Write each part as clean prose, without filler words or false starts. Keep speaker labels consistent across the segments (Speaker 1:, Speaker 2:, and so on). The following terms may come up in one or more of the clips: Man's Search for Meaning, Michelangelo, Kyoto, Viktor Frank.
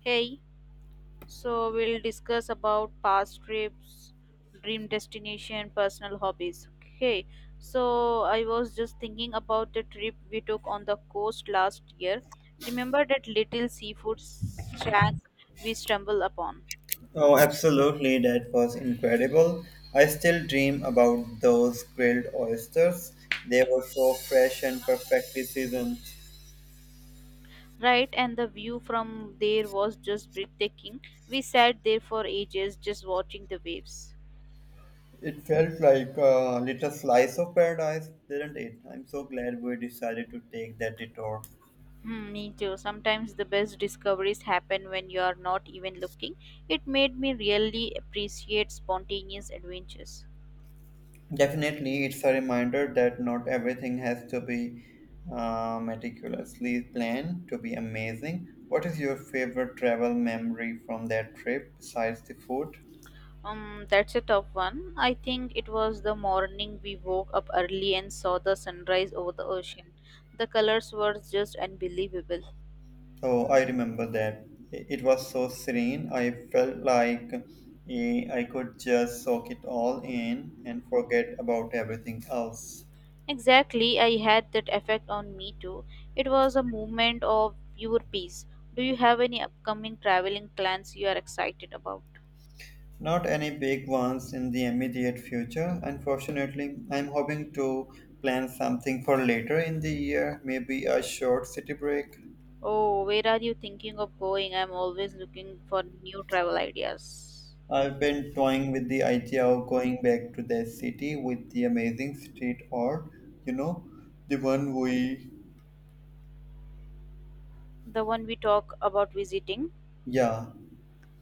Speaker 1: Hey, so we'll discuss about past trips, dream destination, personal hobbies. Okay, so I was just thinking about the trip we took on the coast last year. Remember that little seafood shack we stumbled upon?
Speaker 2: Oh, absolutely, that was incredible. I still dream about those grilled oysters. They were so fresh and perfectly seasoned.
Speaker 1: Right, and the view from there was just breathtaking. We sat there for ages just watching the waves.
Speaker 2: It felt like a little slice of paradise, didn't it? I'm so glad we decided to take that detour.
Speaker 1: Hmm, me too. Sometimes the best discoveries happen when you are not even looking. It made me really appreciate spontaneous adventures.
Speaker 2: Definitely, it's a reminder that not everything has to be meticulously planned to be amazing. What is your favorite travel memory from that trip besides the food?
Speaker 1: That's a tough one. I think it was the morning we woke up early and saw the sunrise over the ocean. The colors were just unbelievable.
Speaker 2: Oh, I remember that. It was so serene. I felt like I could just soak it all in and forget about everything else.
Speaker 1: Exactly, I had that effect on me too. It was a moment of pure peace. Do you have any upcoming traveling plans you are excited about?
Speaker 2: Not any big ones in the immediate future, unfortunately. I'm hoping to plan something for later in the year, maybe a short city break.
Speaker 1: Oh, where are you thinking of going? I'm always looking for new travel ideas.
Speaker 2: I've been toying with the idea of going back to the city with the amazing street art, you know, the one we,
Speaker 1: The one we talk about visiting?
Speaker 2: yeah,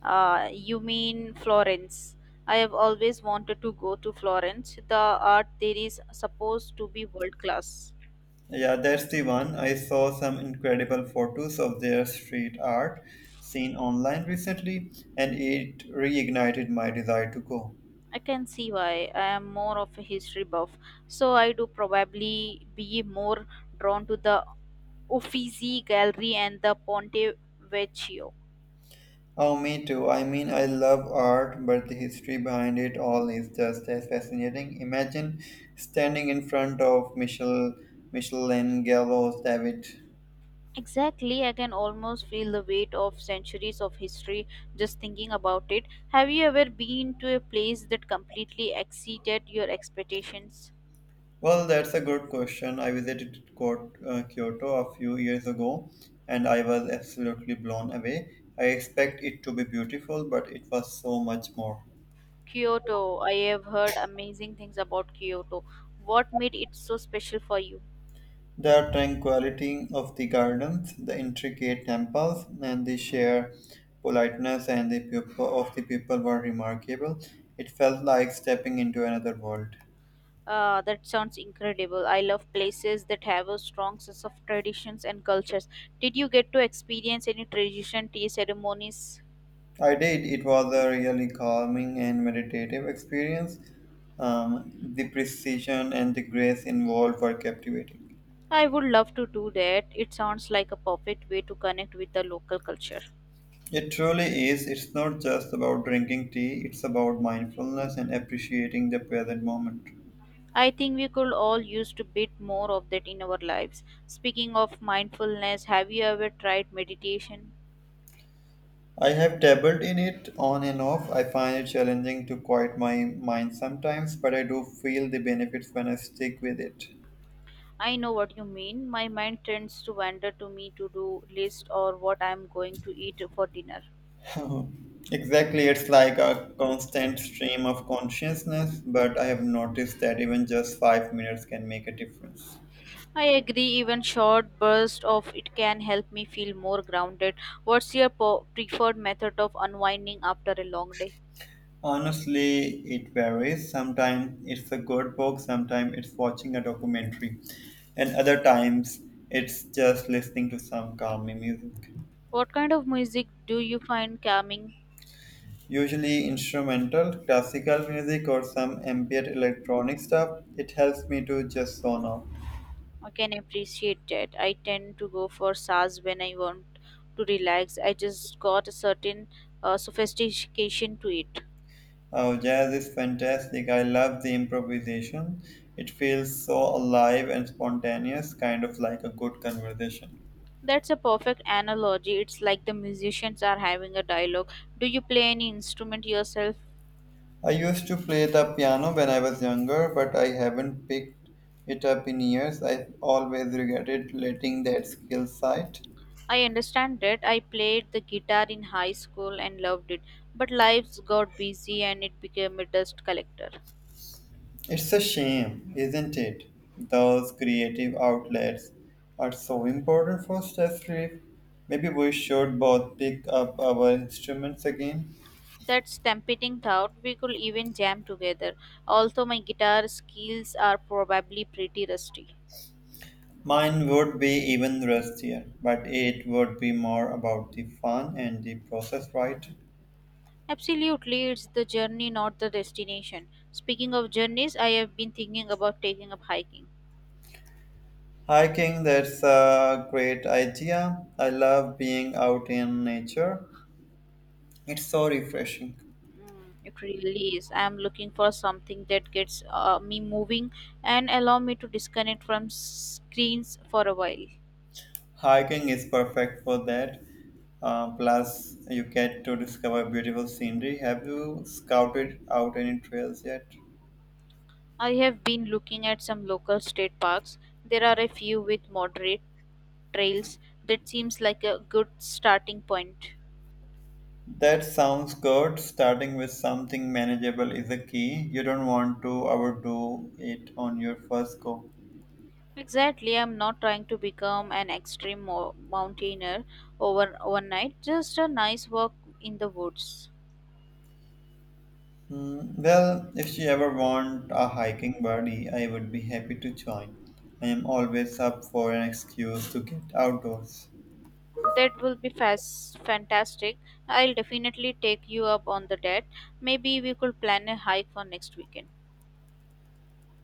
Speaker 1: You mean Florence. I have always wanted to go to Florence. The art there is supposed to be world class.
Speaker 2: Yeah, that's the one. I saw some incredible photos of their street art seen online recently, and it reignited my desire to go.
Speaker 1: I can see why. I am more of a history buff, so I do probably be more drawn to the Uffizi Gallery and the Ponte Vecchio.
Speaker 2: Oh, me too. I mean, I love art, but the history behind it all is just as fascinating. Imagine standing in front of Michelangelo, David.
Speaker 1: Exactly, I can almost feel the weight of centuries of history just thinking about it. Have you ever been to a place that completely exceeded your expectations?
Speaker 2: Well, that's a good question. I visited Kyoto a few years ago and I was absolutely blown away. I expect it to be beautiful, but it was so much more.
Speaker 1: Kyoto. I have heard amazing things about Kyoto. What made it so special for you?
Speaker 2: The tranquility of the gardens, the intricate temples, and the sheer politeness and the people of the people were remarkable. It felt like stepping into another world.
Speaker 1: Ah, that sounds incredible. I love places that have a strong sense of traditions and cultures. Did you get to experience any tradition tea ceremonies?
Speaker 2: I did. It was a really calming and meditative experience. The precision and the grace involved were captivating.
Speaker 1: I would love to do that. It sounds like a perfect way to connect with the local culture.
Speaker 2: It truly is. It's not just about drinking tea, it's about mindfulness and appreciating the present moment.
Speaker 1: I think we could all use a bit more of that in our lives. Speaking of mindfulness, have you ever tried meditation?
Speaker 2: I have dabbled in it on and off. I find it challenging to quiet my mind sometimes, but I do feel the benefits when I stick with it.
Speaker 1: I know what you mean. My mind tends to wander to me to do list or what I'm going to eat for dinner.
Speaker 2: Exactly, it's like a constant stream of consciousness, but I have noticed that even just 5 minutes can make a difference.
Speaker 1: I agree, even short bursts of it can help me feel more grounded. What's your preferred method of unwinding after a long day?
Speaker 2: Honestly, it varies. Sometimes it's a good book, sometimes it's watching a documentary, and other times it's just listening to some calming music.
Speaker 1: What kind of music do you find calming?
Speaker 2: Usually instrumental, classical music, or some ambient electronic stuff. It helps me to just zone out.
Speaker 1: I can appreciate that. I tend to go for SARS when I want to relax. I just got a certain sophistication to it.
Speaker 2: Oh, jazz is fantastic. I love the improvisation. It feels so alive and spontaneous, kind of like a good conversation.
Speaker 1: That's a perfect analogy. It's like the musicians are having a dialogue. Do you play any instrument yourself?
Speaker 2: I used to play the piano when I was younger, but I haven't picked it up in years. I always regretted letting that skill side.
Speaker 1: I understand that. I played the guitar in high school and loved it, but lives got busy and it became a dust collector.
Speaker 2: It's a shame, isn't it? Those creative outlets are so important for stress relief. Maybe we should both pick up our instruments again.
Speaker 1: That's tempting thought. We could even jam together. Although my guitar skills are probably pretty rusty.
Speaker 2: Mine would be even rustier, but it would be more about the fun and the process, right?
Speaker 1: Absolutely, it's the journey, not the destination. Speaking of journeys, I have been thinking about taking up hiking.
Speaker 2: Hiking, that's a great idea. I love being out in nature. It's so refreshing.
Speaker 1: Mm, it really is. I am looking for something that gets me moving and allow me to disconnect from screens for a while.
Speaker 2: Hiking is perfect for that. Plus, you get to discover beautiful scenery. Have you scouted out any trails yet?
Speaker 1: I have been looking at some local state parks. There are a few with moderate trails that seems like a good starting point.
Speaker 2: That sounds good. Starting with something manageable is a key. You don't want to overdo it on your first go.
Speaker 1: Exactly, I'm not trying to become an extreme mountaineer overnight. Just a nice walk in the woods.
Speaker 2: Hmm, well, if you ever want a hiking buddy, I would be happy to join. I am always up for an excuse to get outdoors.
Speaker 1: That will be fantastic. I'll definitely take you up on the debt. Maybe we could plan a hike for next weekend.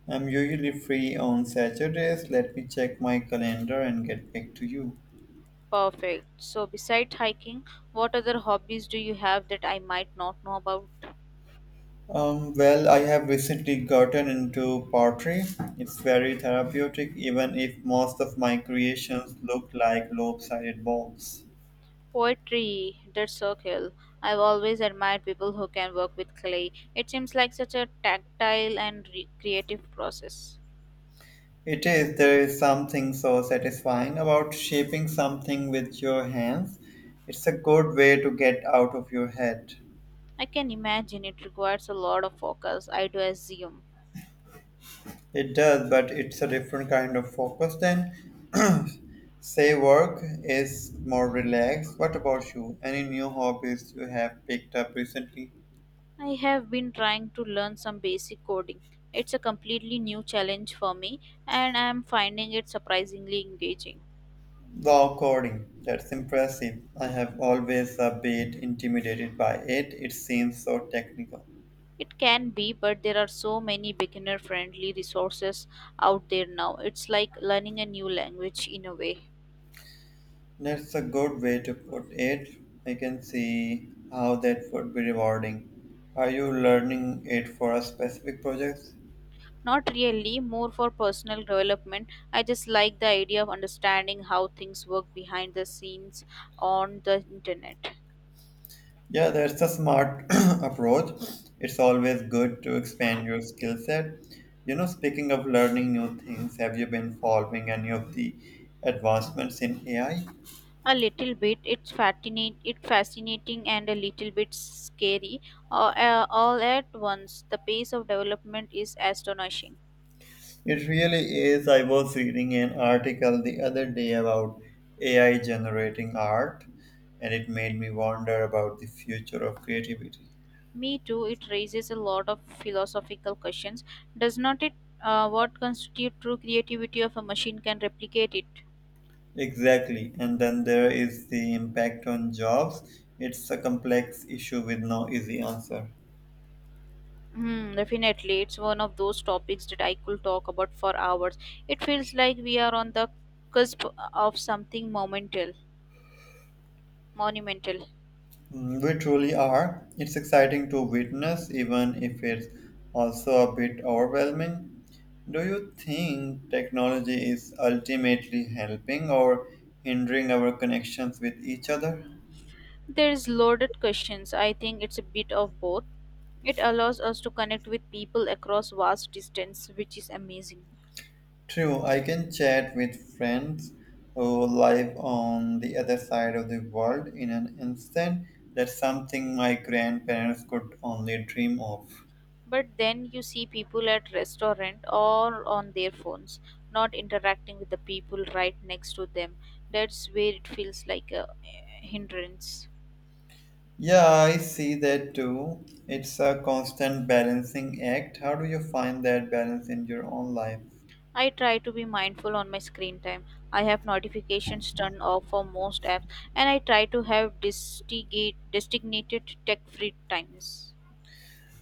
Speaker 2: I'm usually free on Saturdays. Let me check my calendar and get back to you.
Speaker 1: Perfect. So, besides hiking, what other hobbies do you have that I might not know about?
Speaker 2: Well, I have recently gotten into pottery. It's very therapeutic, even if most of my creations look like lopsided balls.
Speaker 1: Poetry. That's so cool. I've always admired people who can work with clay. It seems like such a tactile and creative process.
Speaker 2: It is. There is something so satisfying about shaping something with your hands. It's a good way to get out of your head.
Speaker 1: I can imagine it requires a lot of focus, I do assume.
Speaker 2: It does, but it's a different kind of focus than, say, work is more relaxed. What about you? Any new hobbies you have picked up recently?
Speaker 1: I have been trying to learn some basic coding. It's a completely new challenge for me, and I am finding it surprisingly engaging.
Speaker 2: Wow, coding. That's impressive. I have always a bit intimidated by it. It seems so technical.
Speaker 1: It can be, but there are so many beginner friendly resources out there now. It's like learning a new language in a way.
Speaker 2: That's a good way to put it. I can see how that would be rewarding. Are you learning it for a specific project?
Speaker 1: Not really, more for personal development. I just like the idea of understanding how things work behind the scenes on the internet.
Speaker 2: Yeah, that's a smart approach. It's always good to expand your skill set. You know, speaking of learning new things, have you been following any of the advancements in AI?
Speaker 1: A little bit. It's fascinate. It fascinating and a little bit scary. All at once, the pace of development is astonishing.
Speaker 2: It really is. I was reading an article the other day about AI generating art, and it made me wonder about the future of creativity.
Speaker 1: Me too. It raises a lot of philosophical questions, does not it? What constitutes true creativity of a machine can replicate it?
Speaker 2: Exactly. And then there is the impact on jobs. It's a complex issue with no easy answer.
Speaker 1: Hmm, definitely, it's one of those topics that I could talk about for hours. It feels like we are on the cusp of something monumental.
Speaker 2: Mm, we truly are. It's exciting to witness, even if it's also a bit overwhelming. Do you think technology is ultimately helping or hindering our connections with each other?
Speaker 1: There's loaded questions. I think it's a bit of both. It allows us to connect with people across vast distance, which is amazing.
Speaker 2: True, I can chat with friends who live on the other side of the world in an instant. That's something my grandparents could only dream of.
Speaker 1: But then you see people at restaurant or on their phones, not interacting with the people right next to them. That's where it feels like a hindrance.
Speaker 2: Yeah, I see that too. It's a constant balancing act. How do you find that balance in your own life?
Speaker 1: I try to be mindful on my screen time. I have notifications turned off for most apps, and I try to have designated tech-free times.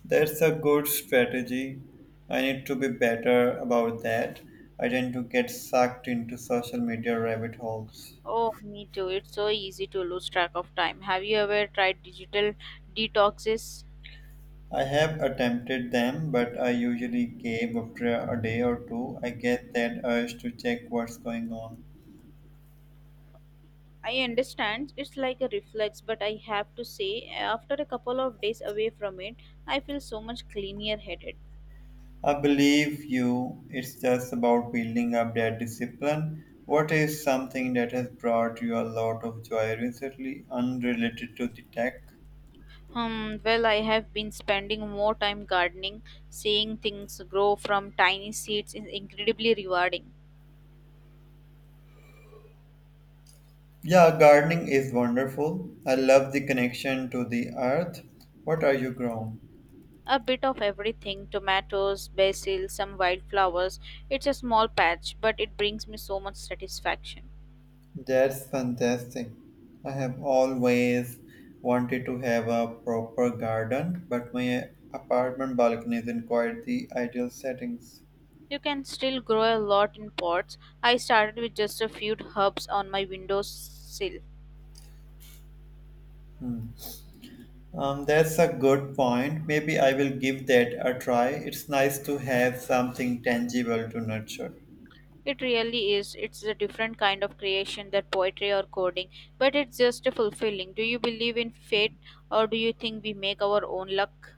Speaker 2: That's a good strategy. I need to be better about that. I tend to get sucked into social media rabbit holes.
Speaker 1: Oh, me too. It's so easy to lose track of time. Have you ever tried digital detoxes?
Speaker 2: I have attempted them, but I usually cave after a day or two. I get that urge to check what's going on.
Speaker 1: I understand it's like a reflex, but I have to say, after a couple of days away from it, I feel so much cleaner headed.
Speaker 2: I believe you, it's just about building up that discipline. What is something that has brought you a lot of joy recently, unrelated to the tech?
Speaker 1: Hmm, well, I have been spending more time gardening, seeing things grow from tiny seeds is incredibly rewarding.
Speaker 2: Yeah, gardening is wonderful. I love the connection to the earth. What are you growing?
Speaker 1: A bit of everything tomatoes, basil, some wildflowers. It's a small patch, but it brings me so much satisfaction.
Speaker 2: That's fantastic. I have always wanted to have a proper garden, but my apartment balcony isn't quite the ideal settings.
Speaker 1: You can still grow a lot in pots. I started with just a few herbs on my windowsill.
Speaker 2: Hmm. That's a good point. Maybe I will give that a try. It's nice to have something tangible to nurture.
Speaker 1: It really is. It's a different kind of creation than poetry or coding, but it's just fulfilling. Do you believe in fate or do you think we make our own luck?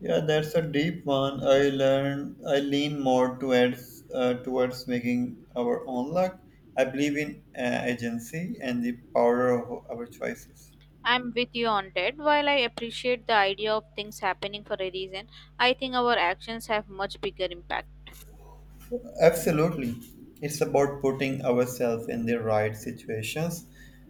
Speaker 2: Yeah, that's a deep one. I learn. I lean more towards towards making our own luck. I believe in agency and the power of our choices.
Speaker 1: I'm with you on that. While I appreciate the idea of things happening for a reason, I think our actions have much bigger impact.
Speaker 2: Absolutely. It's about putting ourselves in the right situations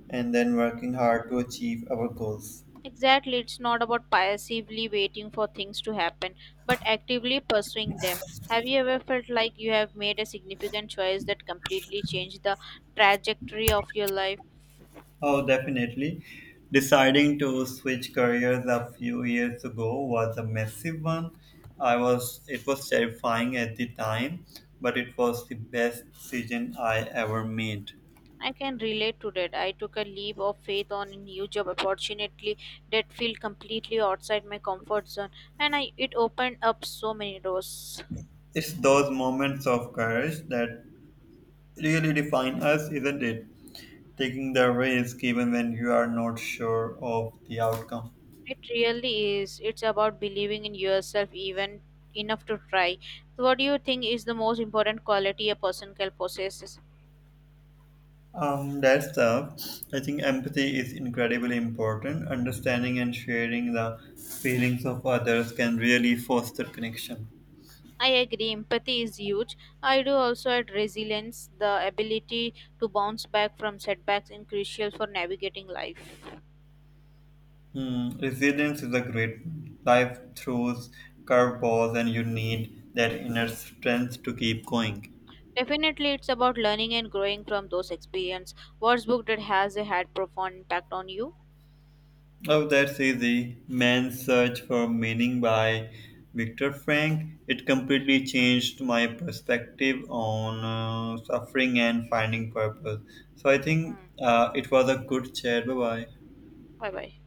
Speaker 2: and then working hard to achieve our goals.
Speaker 1: Exactly, it's not about passively waiting for things to happen, but actively pursuing them. Have you ever felt like you have made a significant choice that completely changed the trajectory of your life?
Speaker 2: Oh, definitely. Deciding to switch careers a few years ago was a massive one. I was It was terrifying at the time, but it was the best decision I ever made.
Speaker 1: I can relate to that. I took a leap of faith on a new job opportunity that felt completely outside my comfort zone, and it opened up so many doors.
Speaker 2: It's those moments of courage that really define us, isn't it? Taking the risk even when you are not sure of the outcome.
Speaker 1: It really is. It's about believing in yourself even enough to try. So what do you think is the most important quality a person can possess?
Speaker 2: That's tough. I think empathy is incredibly important. Understanding and sharing the feelings of others can really foster connection.
Speaker 1: I agree, empathy is huge. I do also add resilience, the ability to bounce back from setbacks is crucial for navigating life.
Speaker 2: Hmm, resilience is a great one. Life throws curveballs, and you need that inner strength to keep going.
Speaker 1: Definitely it's about learning and growing from those experiences. What's book that has a had profound impact on you?
Speaker 2: Oh, that's easy. Man's Search for Meaning by Viktor Frank. It completely changed my perspective on suffering and finding purpose. So I think
Speaker 1: Hmm.
Speaker 2: it was a good chat. Bye bye.
Speaker 1: Bye bye.